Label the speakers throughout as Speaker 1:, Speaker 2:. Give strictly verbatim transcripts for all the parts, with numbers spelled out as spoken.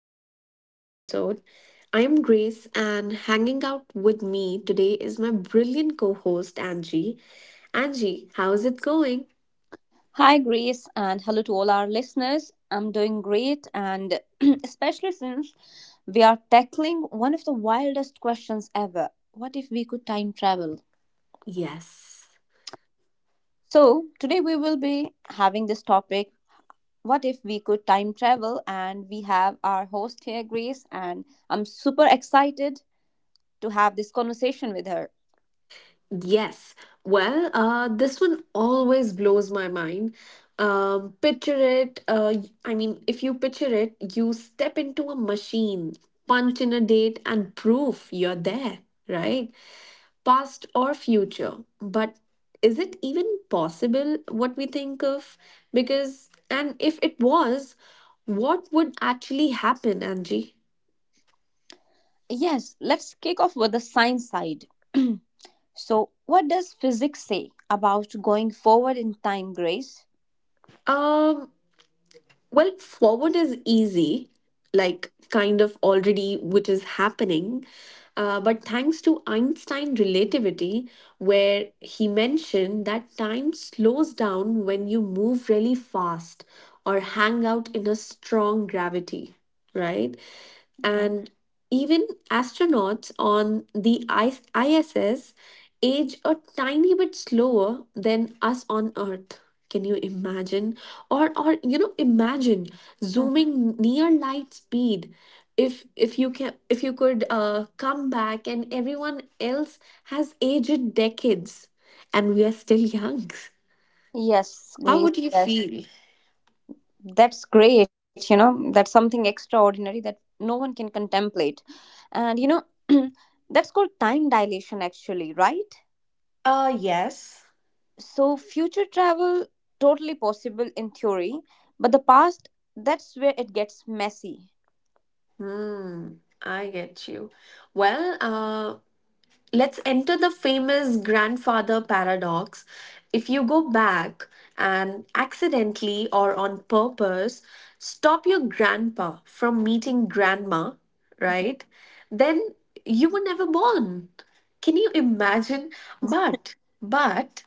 Speaker 1: another ep- episode. I am Grace, and hanging out with me today is my brilliant co host, Angie. Angie, how is it going?
Speaker 2: Hi, Grace, and hello to all our listeners. I'm doing great, and especially since we are tackling one of the wildest questions ever. What if we could time travel?
Speaker 1: Yes.
Speaker 2: So, today we will be having this topic: what if we could time travel? And we have our host here, Grace, and I'm super excited to have this conversation with her.
Speaker 1: Yes. Well, uh, this one always blows my mind. Um, picture it. Uh, y- I mean, if you picture it, you step into a machine, punch in a date, and proof you're there, right? Past or future, but is it even possible, what we think of? Because, and if it was, what would actually happen, Angie?
Speaker 2: Yes, let's kick off with the science side. So, what does physics say about going forward in time, Grace?
Speaker 1: um Well, forward is easy, like kind of already, which is happening. Uh, but thanks to Einstein relativity, where he mentioned that time slows down when you move really fast or hang out in a strong gravity, right?
Speaker 2: Mm-hmm.
Speaker 1: And even astronauts on the I S- I S S age a tiny bit slower than us on Earth. Can you imagine? Or, or you know, imagine zooming near light speed. If if you can, if you could uh, come back, and everyone else has aged decades, and we are still young,
Speaker 2: Yes,
Speaker 1: how
Speaker 2: Grace.
Speaker 1: would you
Speaker 2: Yes,
Speaker 1: feel?
Speaker 2: that's great. You know, that's something extraordinary that no one can contemplate. And, you know, that's called time dilation, actually, right?
Speaker 1: Uh, yes.
Speaker 2: So, future travel, totally possible in theory, but the past, that's where it gets messy.
Speaker 1: Hmm, I get you. Well, uh, let's enter the famous grandfather paradox. If you go back and accidentally or on purpose stop your grandpa from meeting grandma, right? Then you were never born. Can you imagine? But, but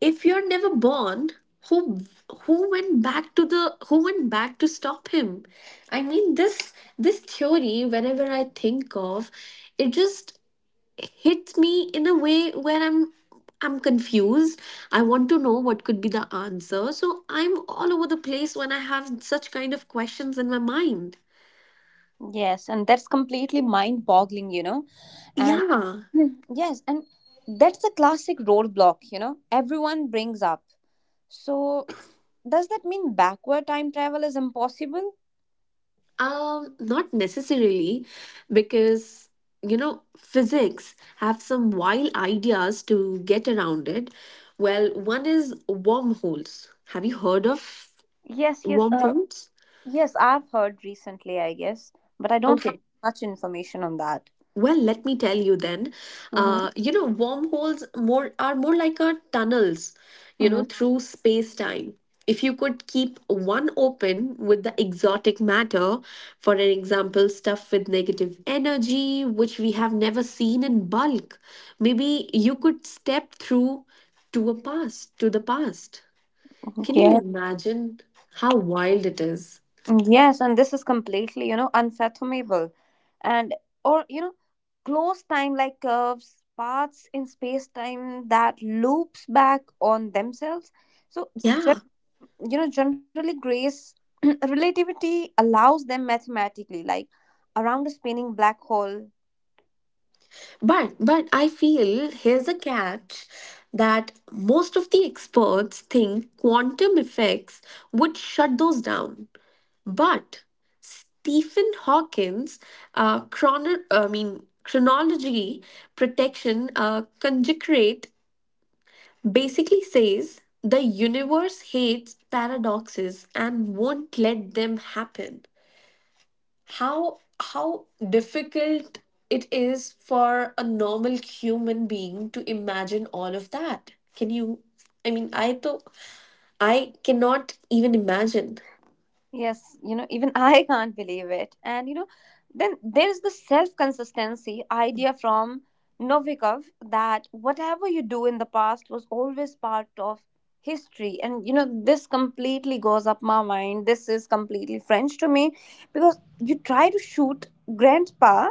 Speaker 1: if you're never born, who who went back to the who went back to stop him? I mean, this this theory, whenever I think of it just hits me in a way where I'm I'm confused. I want to know what could be the answer. So I'm all over the place when I have such kind of questions in my mind.
Speaker 2: Yes, and that's completely mind boggling, you know. And
Speaker 1: Yeah.
Speaker 2: Hmm, yes, and that's a classic roadblock, you know, everyone brings up. So, does that mean backward time travel is impossible?
Speaker 1: Um, not necessarily, because, you know, physics have some wild ideas to get around it. Well, one is wormholes. Have you heard of
Speaker 2: Yes, yes, uh,
Speaker 1: wormholes?
Speaker 2: yes, I've heard recently, I guess, but I don't have
Speaker 1: Okay.
Speaker 2: much information on that.
Speaker 1: Well, let me tell you then.
Speaker 2: Mm-hmm,
Speaker 1: Uh, you know, wormholes more are more like a tunnels, you
Speaker 2: mm-hmm,
Speaker 1: know, through space-time. If you could keep one open with the exotic matter, for an example, stuff with negative energy, which we have never seen in bulk, maybe you could step through to a past, to the past.
Speaker 2: mm-hmm.
Speaker 1: Can you
Speaker 2: Yeah.
Speaker 1: imagine how wild it is?
Speaker 2: Mm, yes, and this is completely, you know, unfathomable. And, or, you know, closed time like curves, paths in space time that loops back on themselves. So, gen-
Speaker 1: Yeah.
Speaker 2: you know, generally, Grace, relativity allows them mathematically, like around a spinning black hole.
Speaker 1: But but I feel here's a catch that most of the experts think quantum effects would shut those down. But Stephen Hawking's uh, chrono- I mean chronology protection uh, conjecturate basically says the universe hates paradoxes and won't let them happen. how how difficult it is for a normal human being to imagine all of that. Can you, i mean i though I cannot even imagine.
Speaker 2: Yes, you know, even I can't believe it. And you know, then there's the self consistency idea from Novikov that whatever you do in the past was always part of history. And you know, this completely goes up my mind. This is completely French to me, because you try to shoot grandpa,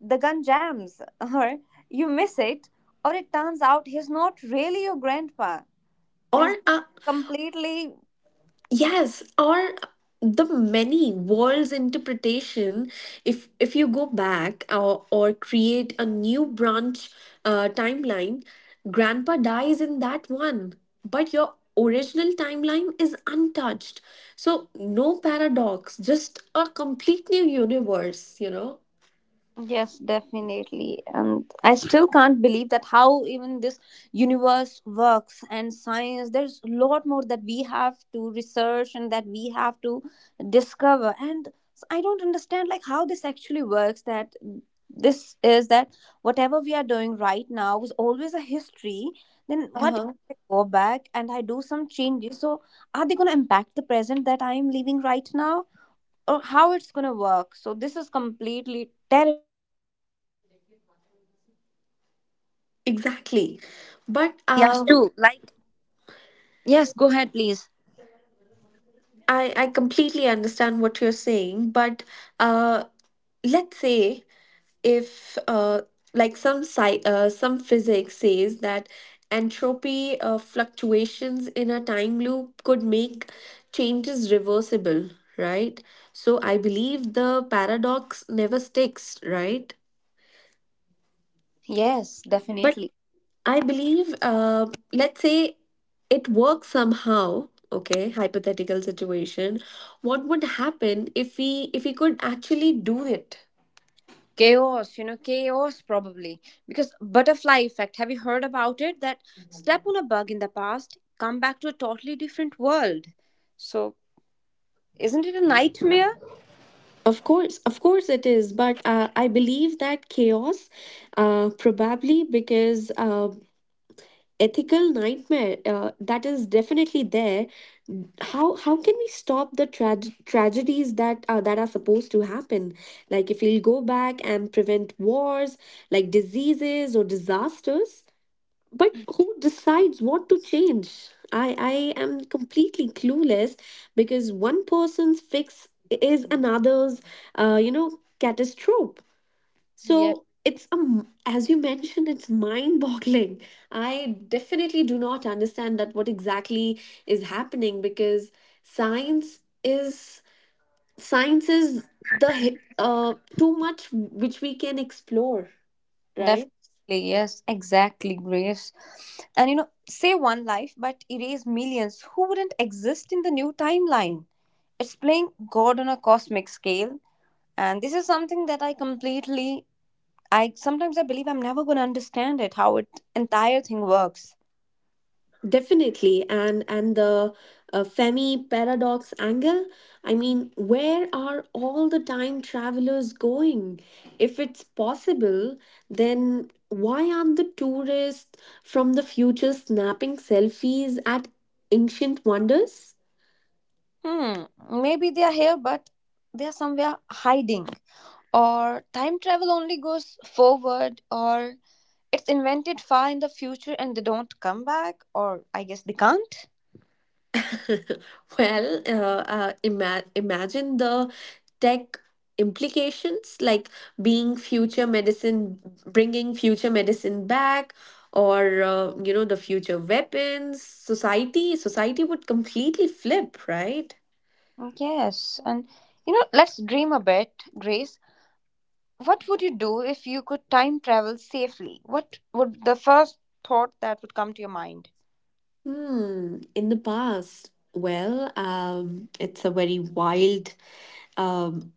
Speaker 2: the gun jams, or you miss it, or it turns out he's not really your grandpa.
Speaker 1: Or
Speaker 2: Means
Speaker 1: uh,
Speaker 2: completely.
Speaker 1: Yes, or the many worlds interpretation. If if you go back or or create a new branch uh, timeline, Grandpa dies in that one, but your original timeline is untouched. So no paradox, just a complete new universe. You know.
Speaker 2: Yes, definitely. And I still can't believe that how even this universe works and science, there's a lot more that we have to research and that we have to discover. And s- I don't understand like how this actually works, that this is that whatever we are doing right now was always a history. Then what if
Speaker 1: Uh-huh.
Speaker 2: I go back and I do some changes? So are they gonna impact the present that I am living right now? Or how it's gonna work? So this is completely terrible.
Speaker 1: Exactly. But
Speaker 2: Has
Speaker 1: um,
Speaker 2: to, like, yes, go ahead, please.
Speaker 1: I, I completely understand what you're saying. But uh, let's say if uh, like some sci- uh, some physics says that entropy uh, fluctuations in a time loop could make changes reversible, right? So I believe the paradox never sticks, right?
Speaker 2: Yes,
Speaker 1: But
Speaker 2: definitely.
Speaker 1: I believe, uh, let's say it works somehow. Okay, hypothetical situation: what would happen if we if we could actually do it?
Speaker 2: Chaos you know chaos probably, because butterfly effect. Have you heard about it? That step on a bug in the past, come back to a totally different world. So isn't it a nightmare?
Speaker 1: Of course, of course it is, but uh, I believe that chaos, uh, probably, because uh, ethical nightmare, uh, that is definitely there. How how can we stop the trage tragedies that uh, that are supposed to happen? Like if we'll go back and prevent wars, like diseases or disasters, but who decides what to change? I, I am completely clueless, because one person's fix is another's, uh, you know, catastrophe.
Speaker 2: Yes,
Speaker 1: So it's a, m- as you mentioned, it's mind-boggling. I definitely do not understand that what exactly is happening, because science is science is the hi- uh, too much which we can explore,
Speaker 2: definitely.
Speaker 1: right?
Speaker 2: Yes, exactly, Grace. And you know say one life but erase millions who wouldn't exist in the new timeline. It's playing God on a cosmic scale. And this is something that i completely I sometimes, I believe, I'm never gonna understand it, how it entire thing works.
Speaker 1: Definitely, and and the uh, Femi paradox angle. I mean, where are all the time travelers going? If it's possible, then why aren't the tourists from the future snapping selfies at ancient wonders?
Speaker 2: Hmm, maybe they are here, but they are somewhere hiding. Or time travel only goes forward, or it's invented far in the future and they don't come back, or I guess they can't.
Speaker 1: Well, uh, uh, ima- imagine the tech implications, like being future medicine, bringing future medicine back, or uh, you know, the future weapons. Society, society would completely flip, right?
Speaker 2: Yes, and you know, let's dream a bit, Grace. What would you do if you could time travel safely? What would the first thought that would come to your mind?
Speaker 1: Hmm. In the past, well, um, it's a very wild um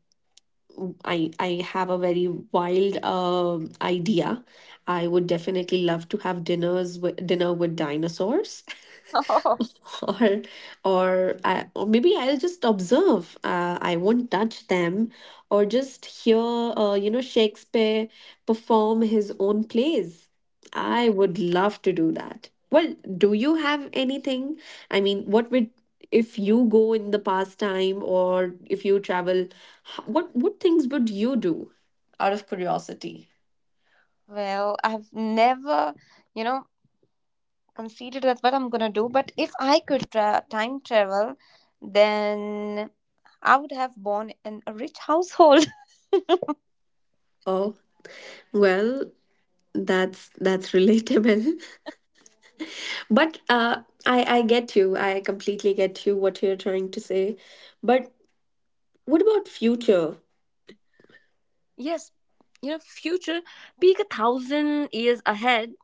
Speaker 1: I I have a very wild uh idea. I would definitely love to have dinners with dinner with dinosaurs. or or I, or maybe I'll just observe. Uh, I won't touch them, or just hear, uh, you know, Shakespeare perform his own plays. I would love to do that. Well, do you have anything? I mean, what would, if you go in the past time or if you travel h- what what things would you do, out of curiosity?
Speaker 2: Well, I've never, you know, conceited that's what I'm gonna do, but if I could tra- time travel, then I would have born in a rich household.
Speaker 1: Oh, well, that's that's relatable. But uh i i get you, I completely get you what you're trying to say. But what about future?
Speaker 2: Yes, you know, future, peek a thousand years ahead,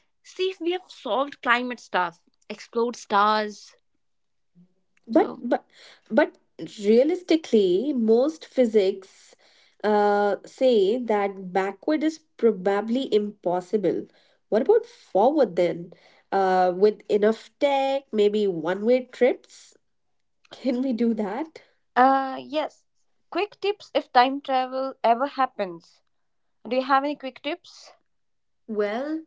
Speaker 2: see if we have solved climate stuff, explored stars.
Speaker 1: But
Speaker 2: So,
Speaker 1: but but realistically, most physics uh, say that backward is probably impossible. What about forward then? Uh, with enough tech, maybe one-way trips? Can we do that?
Speaker 2: uh yes, quick tips if time travel ever happens. Do you have any quick tips?
Speaker 1: Well,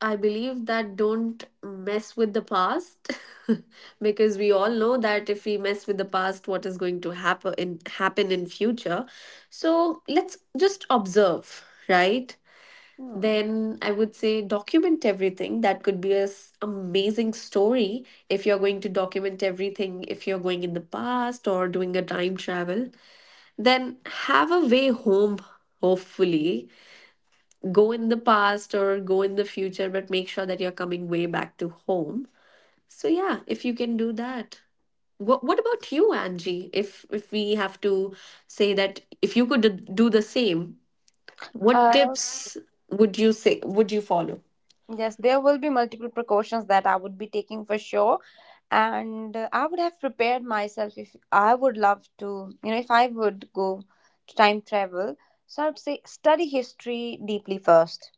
Speaker 1: I believe that, don't mess with the past because we all know that if we mess with the past, what is going to happen in happen in future. So let's just observe, right?
Speaker 2: Hmm.
Speaker 1: Then I would say document everything. That could be a s- amazing story if you're going to document everything, if you're going in the past or doing a time travel. Then have a way home, hopefully. Go in the past or go in the future, but make sure that you're coming way back to home. So yeah, if you can do that. What, what about you, Angie? If if we have to say that if you could do the same, what
Speaker 2: uh
Speaker 1: tips would you say would you follow?
Speaker 2: Yes, there will be multiple precautions that I would be taking for sure. And uh, I would have prepared myself if I would love to, you know, if I would go to time travel. So I would say study history deeply first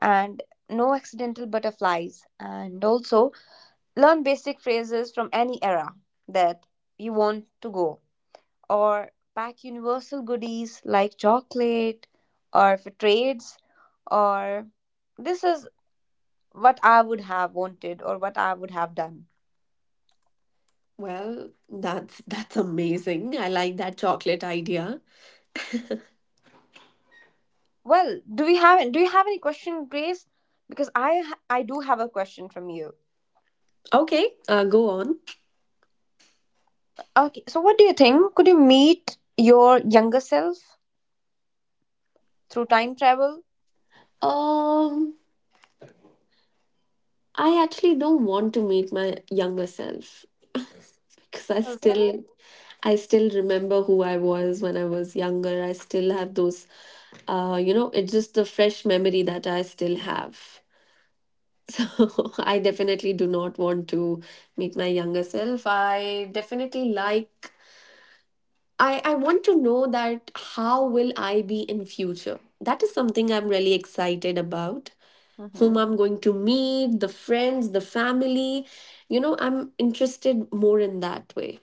Speaker 2: and no accidental butterflies. And also learn basic phrases from any era that you want to go. Or pack universal goodies like chocolate, or for trades, or this is what I would have wanted or what I would have done.
Speaker 1: Well, that's that's amazing. I like that chocolate idea.
Speaker 2: Well, do we have do you have any question, Grace? Because I ha- I do have a question from you.
Speaker 1: Okay, uh, go on.
Speaker 2: Okay, so what do you think? Could you meet your younger self through time travel?
Speaker 1: Um, I actually don't want to meet my younger self because I
Speaker 2: Oh, really?
Speaker 1: still I still remember who I was when I was younger. I still have those, uh, you know, it's just a fresh memory that I still have. So I definitely do not want to meet my younger self. I definitely like, I, I want to know that how will I be in future? That is something I'm really excited about. Whom
Speaker 2: Mm-hmm.
Speaker 1: I'm going to meet, the friends, the family. You know, I'm interested more in that way.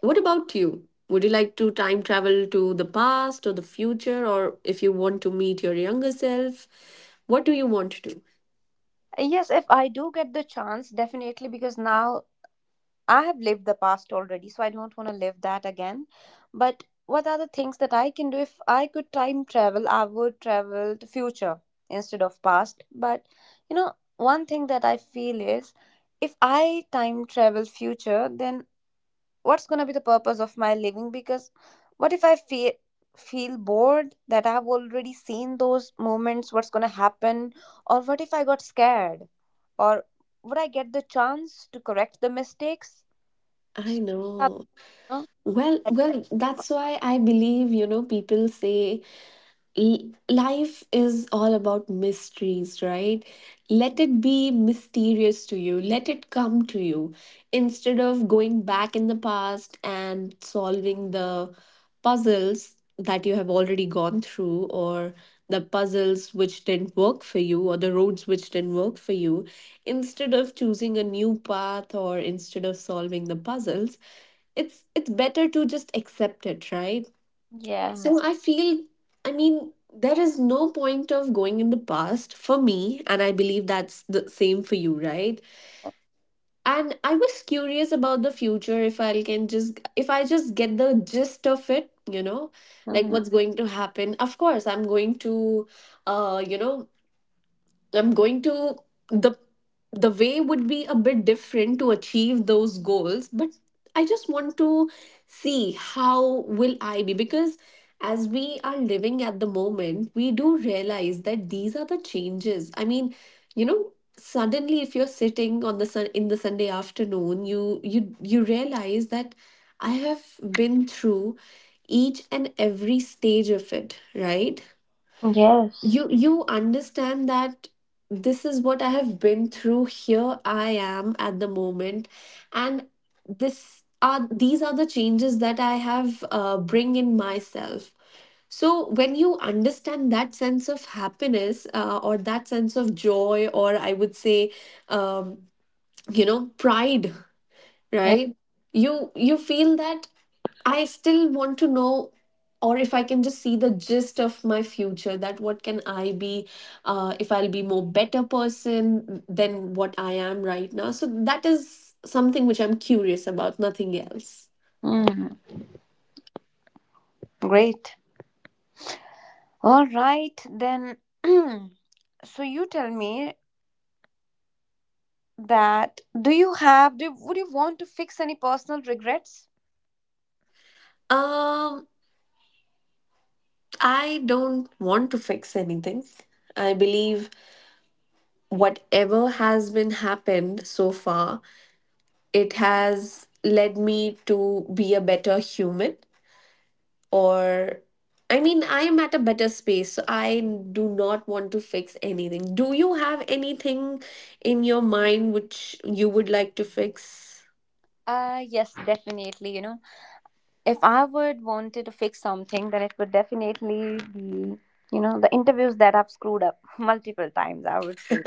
Speaker 1: What about you? Would you like to time travel to the past or the future, or if you want to meet your younger self? What do you want to do?
Speaker 2: Yes, if I do get the chance, definitely, because now I have lived the past already, so I don't want to live that again. But what are the things that I can do if I could time travel? I would travel to future instead of past. But you know, one thing that I feel is, if I time travel future, then what's going to be the purpose of my living? Because what if I feel feel bored that I've already seen those moments, what's going to happen? Or what if I got scared? Or would I get the chance to correct the mistakes?
Speaker 1: I
Speaker 2: So, these.
Speaker 1: know. Well, well, that's why I believe, you know, people say, L- life is all about mysteries, right? Let it be mysterious to you. Let it come to you, instead of going back in the past and solving the puzzles that you have already gone through, or the puzzles which didn't work for you, or the roads which didn't work for you. Instead of choosing a new path or instead of solving the puzzles, it's it's better to just accept it, right? So
Speaker 2: Yes.
Speaker 1: I feel, I mean, there is no point of going in the past for me, and I believe that's the same for you, right? And I was curious about the future, if I can just, if I just get the gist of it, you know, like
Speaker 2: Mhm.
Speaker 1: what's going to happen. Of course, I'm going to, uh, you know, I'm going to, the the way would be a bit different to achieve those goals, but I just want to see how will I be, because as we are living at the moment, we do realize that these are the changes. I mean, you know, suddenly if you're sitting on the sun in the Sunday afternoon, you you you realize that I have been through each and every stage of it, right? you
Speaker 3: Yes.
Speaker 1: you understand that this is what I have been through. Here I am at the moment, and this are these are the changes that I have uh, bring in myself. So when you understand that sense of happiness, uh, or that sense of joy, or I would say, um, you know, pride,
Speaker 3: Yeah.
Speaker 1: right? you you feel that, I still want to know, or if I can just see the gist of my future, that what can I be, uh, if I'll be more better person than what I am right now. So that is something which I'm curious about, nothing else.
Speaker 3: Mm, great. All right, then. So you tell me that do you have do would you want to fix any personal regrets?
Speaker 1: Um, I don't want to fix anything. I believe whatever has been happened so far, it has led me to be a better human, or I mean, I am at a better space, so I do not want to fix anything. Do you have anything in your mind which you would like to fix?
Speaker 3: Uh yes, definitely, you know. If I would wanted to fix something, then it would definitely be, you know, the interviews that I've screwed up multiple times, I would say.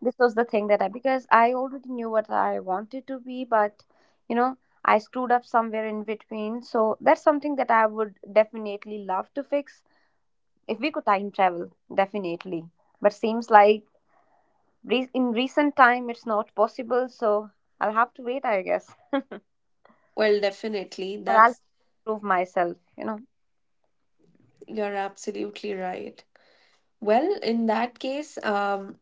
Speaker 3: This was the thing that I, because I already knew what I wanted to be, but, you know, I screwed up somewhere in between. So that's something that I would definitely love to fix if we could time travel, definitely. But seems like re- in recent time it's not possible, so I'll have to wait, I guess,
Speaker 1: Well, definitely.
Speaker 3: or I'll
Speaker 1: That's,
Speaker 3: prove myself, you know.
Speaker 1: you're absolutely right. Well, in that case, um,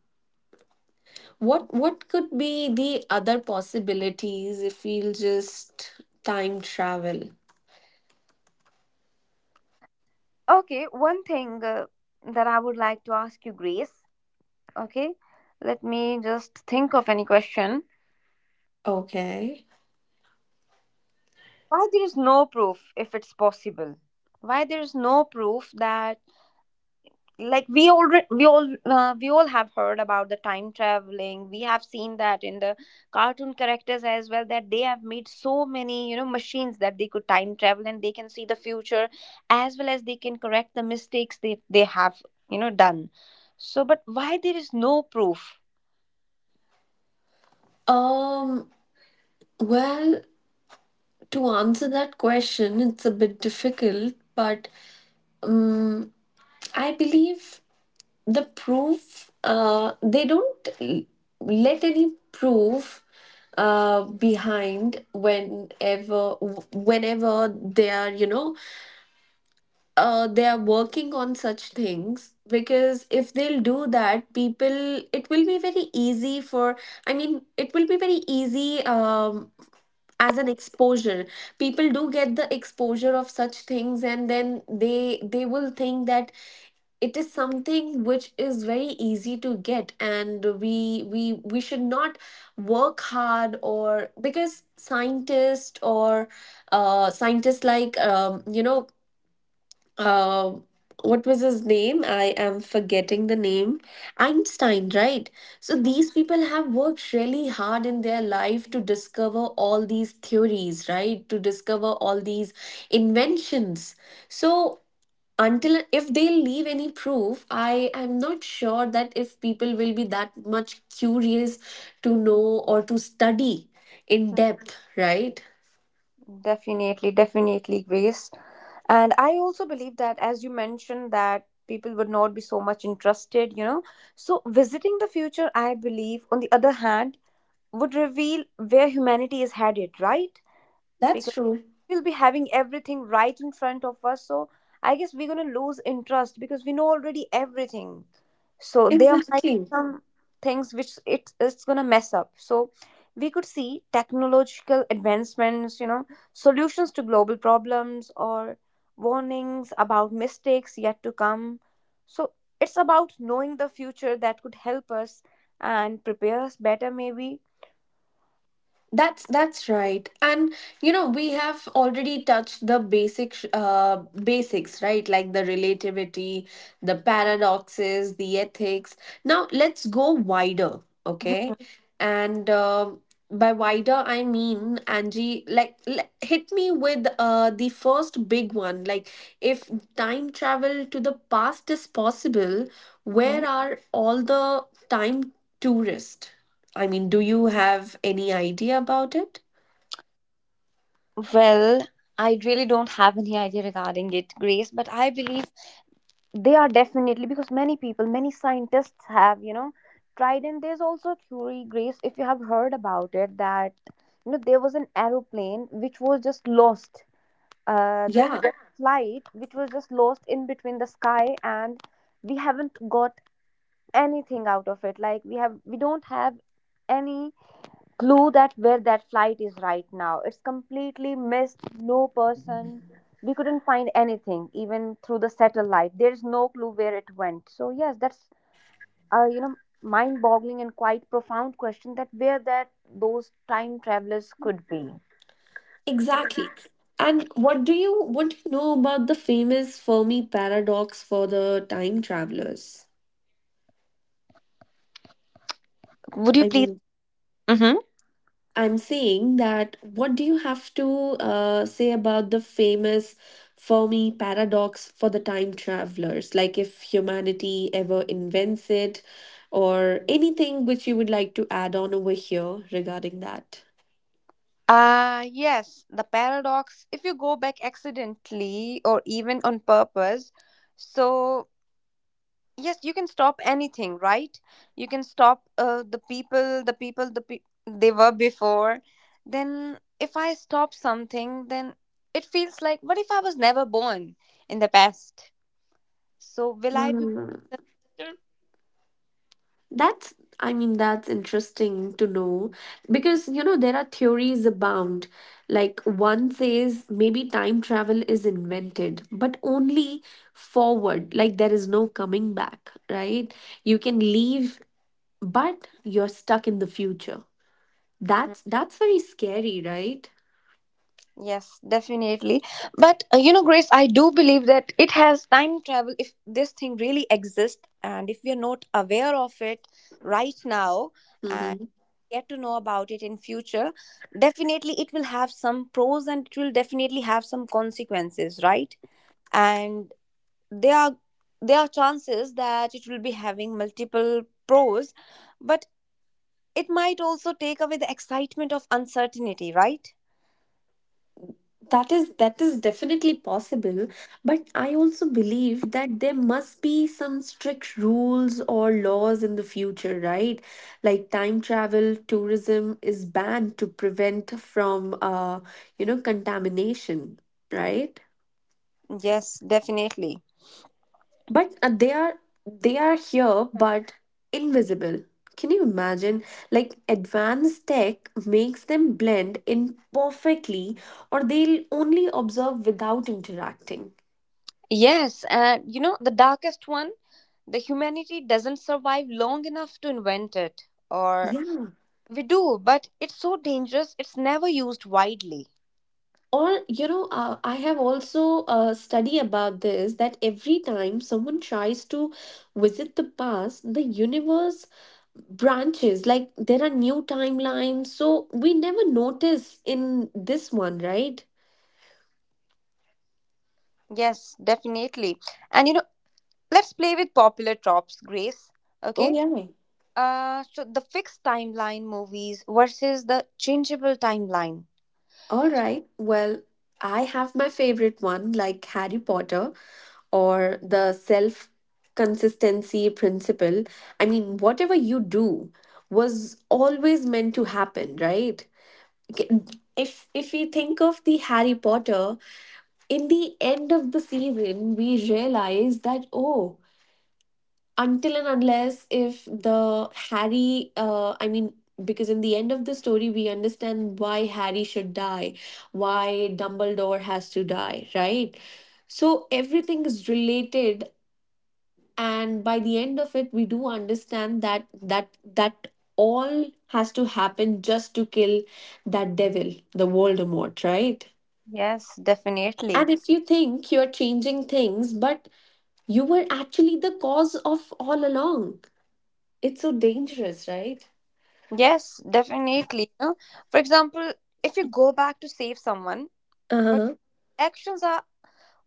Speaker 1: what what could be the other possibilities if we'll just time travel?
Speaker 3: Okay, one thing uh, that I would like to ask you, Grace. Okay, let me just think of any question.
Speaker 1: Okay.
Speaker 3: Why there is no proof if it's possible, why there is no proof that, like, we already we all uh, we all have heard about the time traveling. We have seen that in the cartoon characters as well, that they have made so many, you know, machines that they could time travel and they can see the future, as well as they can correct the mistakes they they have, you know, done. So but why there is no proof?
Speaker 1: Um, well, to answer that question, it's a bit difficult, but Um, I believe the proof, uh, they don't l- let any proof uh, behind whenever, whenever they are, you know, uh, they are working on such things. Because if they'll do that, people, it will be very easy for, I mean, It will be very easy um, as an exposure. People do get the exposure of such things, and then they they will think that it is something which is very easy to get, and we we we should not work hard. Or because scientists or uh scientists like um you know, uh what was his name? I am forgetting the name. Einstein, right? So these people have worked really hard in their life to discover all these theories, right? To discover all these inventions. So until if they leave any proof, I am not sure that if people will be that much curious to know or to study in depth, right?
Speaker 3: Mhm. Definitely, definitely, Grace. And I also believe that, as you mentioned, that people would not be so much interested, you know. So visiting the future, I believe, on the other hand, would reveal where humanity is headed, right?
Speaker 1: That's
Speaker 3: Because
Speaker 1: true.
Speaker 3: we'll be having everything right in front of us, so I guess we're going to lose interest because we know already everything. So there might be
Speaker 1: Exactly.
Speaker 3: some things which it, it's going to mess up. So we could see technological advancements, you know, solutions to global problems, or warnings about mistakes yet to come. So it's about knowing the future that could help us and prepare us better maybe.
Speaker 1: That's that's right. And you know, we have already touched the basic sh- uh basics, right? Like the relativity, the paradoxes, the ethics. Now let's go wider, okay? And uh, by wider I mean, Angie, like l- hit me with uh the first big one. Like if time travel to the past is possible,
Speaker 3: Mhm.
Speaker 1: where are all the time tourists? I mean, do you have any idea about it?
Speaker 3: Well, I really don't have any idea regarding it, Grace, but I believe they are, definitely, because many people, many scientists have, you know, tried. And there's also a theory, Grace, if you have heard about it, that, you know, there was an aeroplane which was just lost. Uh, there was
Speaker 1: Yeah,
Speaker 3: a flight which was just lost in between the sky, and we haven't got anything out of it. Like, we have, we don't have any clue that where that flight is right now. It's completely missed. No person. We couldn't find anything, even through the satellite. There's no clue where it went. So yes, that's uh, you know, mind-boggling and quite profound question, that where that those time travelers could be.
Speaker 1: exactly. And what do you what do you know about the famous Fermi paradox for the time travelers?
Speaker 3: Would you
Speaker 1: I
Speaker 3: please?
Speaker 1: mean,
Speaker 3: Mm-hmm.
Speaker 1: I'm saying that what do you have to uh, say about the famous Fermi paradox for the time travelers? Like if humanity ever invents it, or anything which you would like to add on over here regarding that?
Speaker 3: Uh, yes, the paradox. If you go back accidentally or even on purpose, so yes, you can stop anything, right? You can stop uh, the people, the people the pe- they were before. Then if I stop something, then it feels like, what if I was never born in the past? So will I be born in the future?
Speaker 1: That's, I mean, that's interesting to know because, you know, there are theories abound. Like one says maybe time travel is invented, but only forward, like there is no coming back, right? You can leave, but you're stuck in the future. That's that's very scary, right?
Speaker 3: Yes, definitely. But uh, you know, Grace, I do believe that it has time travel. If this thing really exists, and if we are not aware of it right now and
Speaker 1: Mm-hmm.
Speaker 3: get to know about it in future, definitely it will have some pros and it will definitely have some consequences, right? And there are there are chances that it will be having multiple pros, but it might also take away the excitement of uncertainty, right?
Speaker 1: That is that is definitely possible, but I also believe that there must be some strict rules or laws in the future, right? Like time travel tourism is banned to prevent from uh you know, contamination, right?
Speaker 3: Yes, definitely.
Speaker 1: But uh, they are they are here but invisible. Can you imagine? Like advanced tech makes them blend in perfectly, or they'll only observe without interacting.
Speaker 3: Yes, and you know, the darkest one, the humanity doesn't survive long enough to invent it. Or
Speaker 1: Yeah.
Speaker 3: we do, but it's so dangerous, it's never used widely.
Speaker 1: Or, you know, uh, I have also a study about this, that every time someone tries to visit the past, the universe branches. Like there are new timelines. So we never notice in this one, right?
Speaker 3: Yes, definitely. And you know, let's play with popular tropes, Grace.
Speaker 1: Oh,
Speaker 3: Okay?
Speaker 1: yeah.
Speaker 3: Uh, so the fixed timeline movies versus the changeable timeline.
Speaker 1: All right. Well, I have my favorite one, like Harry Potter or the self consistency principle. I mean, whatever you do was always meant to happen, right? Okay, if if we think of the Harry Potter, in the end of the season we realize that, oh, until and unless if the harry uh, i mean because in the end of the story we understand why Harry should die, why Dumbledore has to die, right? So everything is related, and by the end of it we do understand that that that all has to happen just to kill that devil, the Voldemort, right?
Speaker 3: Yes, definitely.
Speaker 1: And if you think you're changing things, but you were actually the cause of all along, it's so dangerous, right?
Speaker 3: Yes, definitely. You know, for example, if you go back to save someone, but
Speaker 1: Uh-huh.
Speaker 3: actions are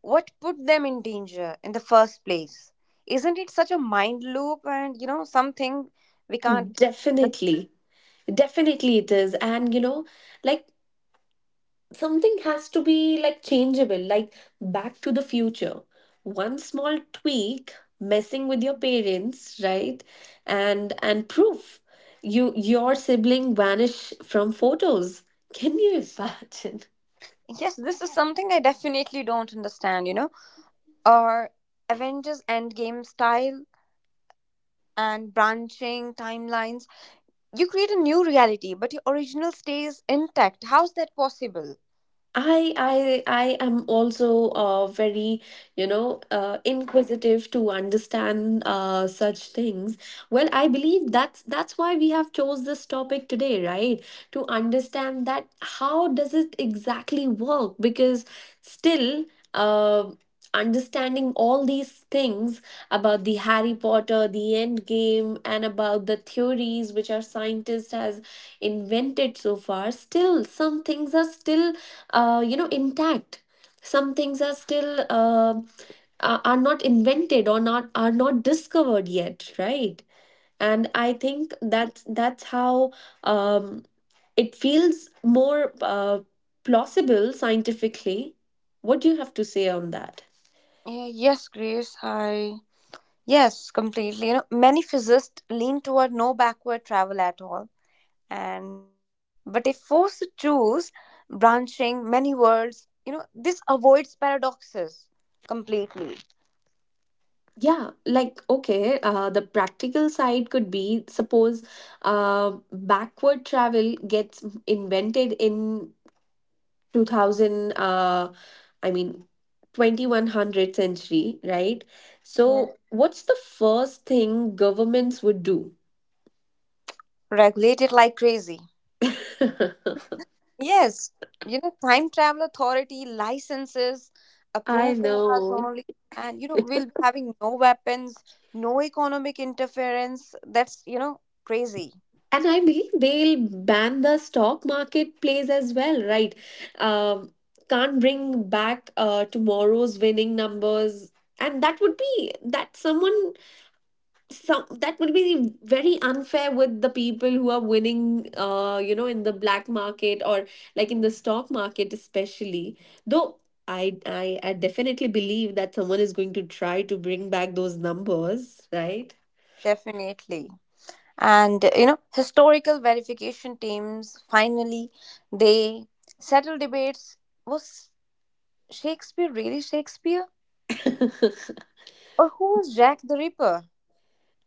Speaker 3: what put them in danger in the first place. Isn't it such a mind loop, and, you know, something we can't.
Speaker 1: Definitely. Definitely it is. And you know, like something has to be like changeable, like back to the future. One small tweak, messing with your parents, right? And and proof. You, your sibling vanish from photos. Can you imagine?
Speaker 3: Yes, this is something I definitely don't understand, you know? Or Avengers Endgame style and branching timelines. You create a new reality, but your original stays intact. How's that possible?
Speaker 1: I I I am also uh, very you know, uh, inquisitive to understand uh, such things. Well, I believe that's that's why we have chose this topic today, right? To understand that how does it exactly work? Because still, uh, understanding all these things about the Harry Potter, the End Game, and about the theories which our scientist has invented so far, still some things are still uh, you know, intact. Some things are still uh, are are not invented, or not are not discovered yet, right? And I think that that's how um, it feels more uh, plausible scientifically. What do you have to say on that?
Speaker 3: Uh, yes, Grace, I. Yes, completely. You know, many physicists lean toward no backward travel at all. And, but if forced to choose, branching many worlds, you know, this avoids paradoxes completely.
Speaker 1: Yeah, like okay, uh, the practical side could be, suppose uh, backward travel gets invented in 2000 uh I mean twenty one hundred century, right?
Speaker 3: Yes.
Speaker 1: So what's the first thing governments would do?
Speaker 3: Regulated like crazy. Yes, you know, time travel authority licenses,
Speaker 1: I
Speaker 3: approved eras
Speaker 1: know.
Speaker 3: only, and you know, we'll be having no weapons, no economic interference. That's, you know, crazy.
Speaker 1: And I believe they'll ban the stock marketplace as well, right? Um, can't bring back uh tomorrow's winning numbers. And that would be that someone some that would be very unfair with the people who are winning uh you know, in the black market, or like in the stock market especially. Though I, I i definitely believe that someone is going to try to bring back those numbers, right?
Speaker 3: Definitely. And you know, historical verification teams, finally they settle debates. Was Shakespeare really Shakespeare, or who was Jack the Ripper?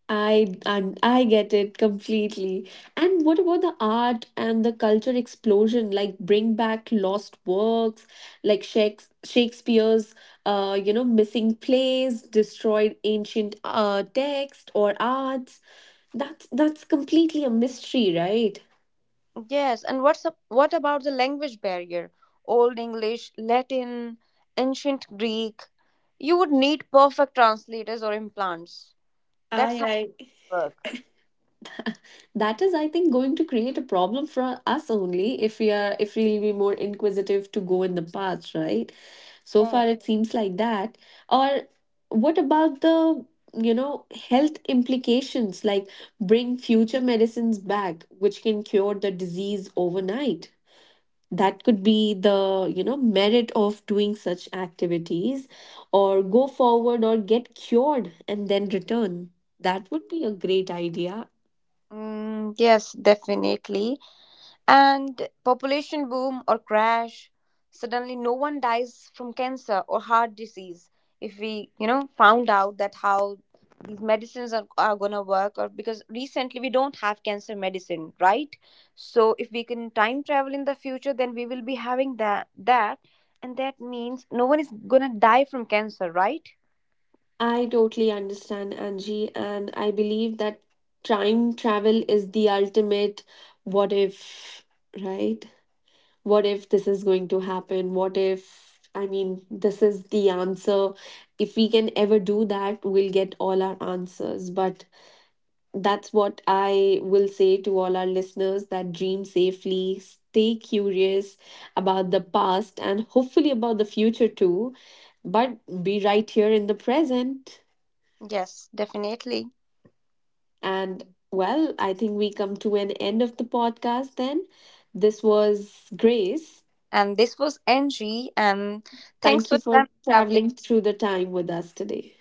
Speaker 1: I, and I get it completely. And what about the art and the culture explosion? Like bring back lost works, like Shakes- Shakespeare's, uh, you know, missing plays, destroyed ancient uh text or arts. That's that's completely a mystery, right?
Speaker 3: Yes, and what's up, what about the language barrier? Old English, Latin, ancient Greek. You would need perfect translators or implants. That's
Speaker 1: I
Speaker 3: hard
Speaker 1: I
Speaker 3: work.
Speaker 1: That is, I think, going to create a problem for us only if we are, if we'll be more inquisitive to go in the past, right? So
Speaker 3: Yes.
Speaker 1: far it seems like that. Or what about the, you know, health implications, like bring future medicines back which can cure the disease overnight? That could be the, you know, merit of doing such activities. Or go forward or get cured and then return. That would be a great idea.
Speaker 3: mm, yes, definitely. And population boom or crash, suddenly no one dies from cancer or heart disease. If we, you know, found out that how these medicines are, are gonna work, or because recently we don't have cancer medicine, right? So if we can time travel in the future, then we will be having that that, and that means no one is gonna die from cancer, right?
Speaker 1: I totally understand, Angie, and I believe that time travel is the ultimate what if, right? What if this is going to happen? What if, I mean, this is the answer? If we can ever do that, we'll get all our answers. But that's what I will say to all our listeners, that dream safely, stay curious about the past and hopefully about the future too, but be right here in the present.
Speaker 3: Yes, definitely.
Speaker 1: And well, I think we come to an end of the podcast then. This was Grace.
Speaker 3: And this was Angie, and thanks
Speaker 1: Thank
Speaker 3: for
Speaker 1: you for
Speaker 3: time traveling.
Speaker 1: traveling through the time with us today.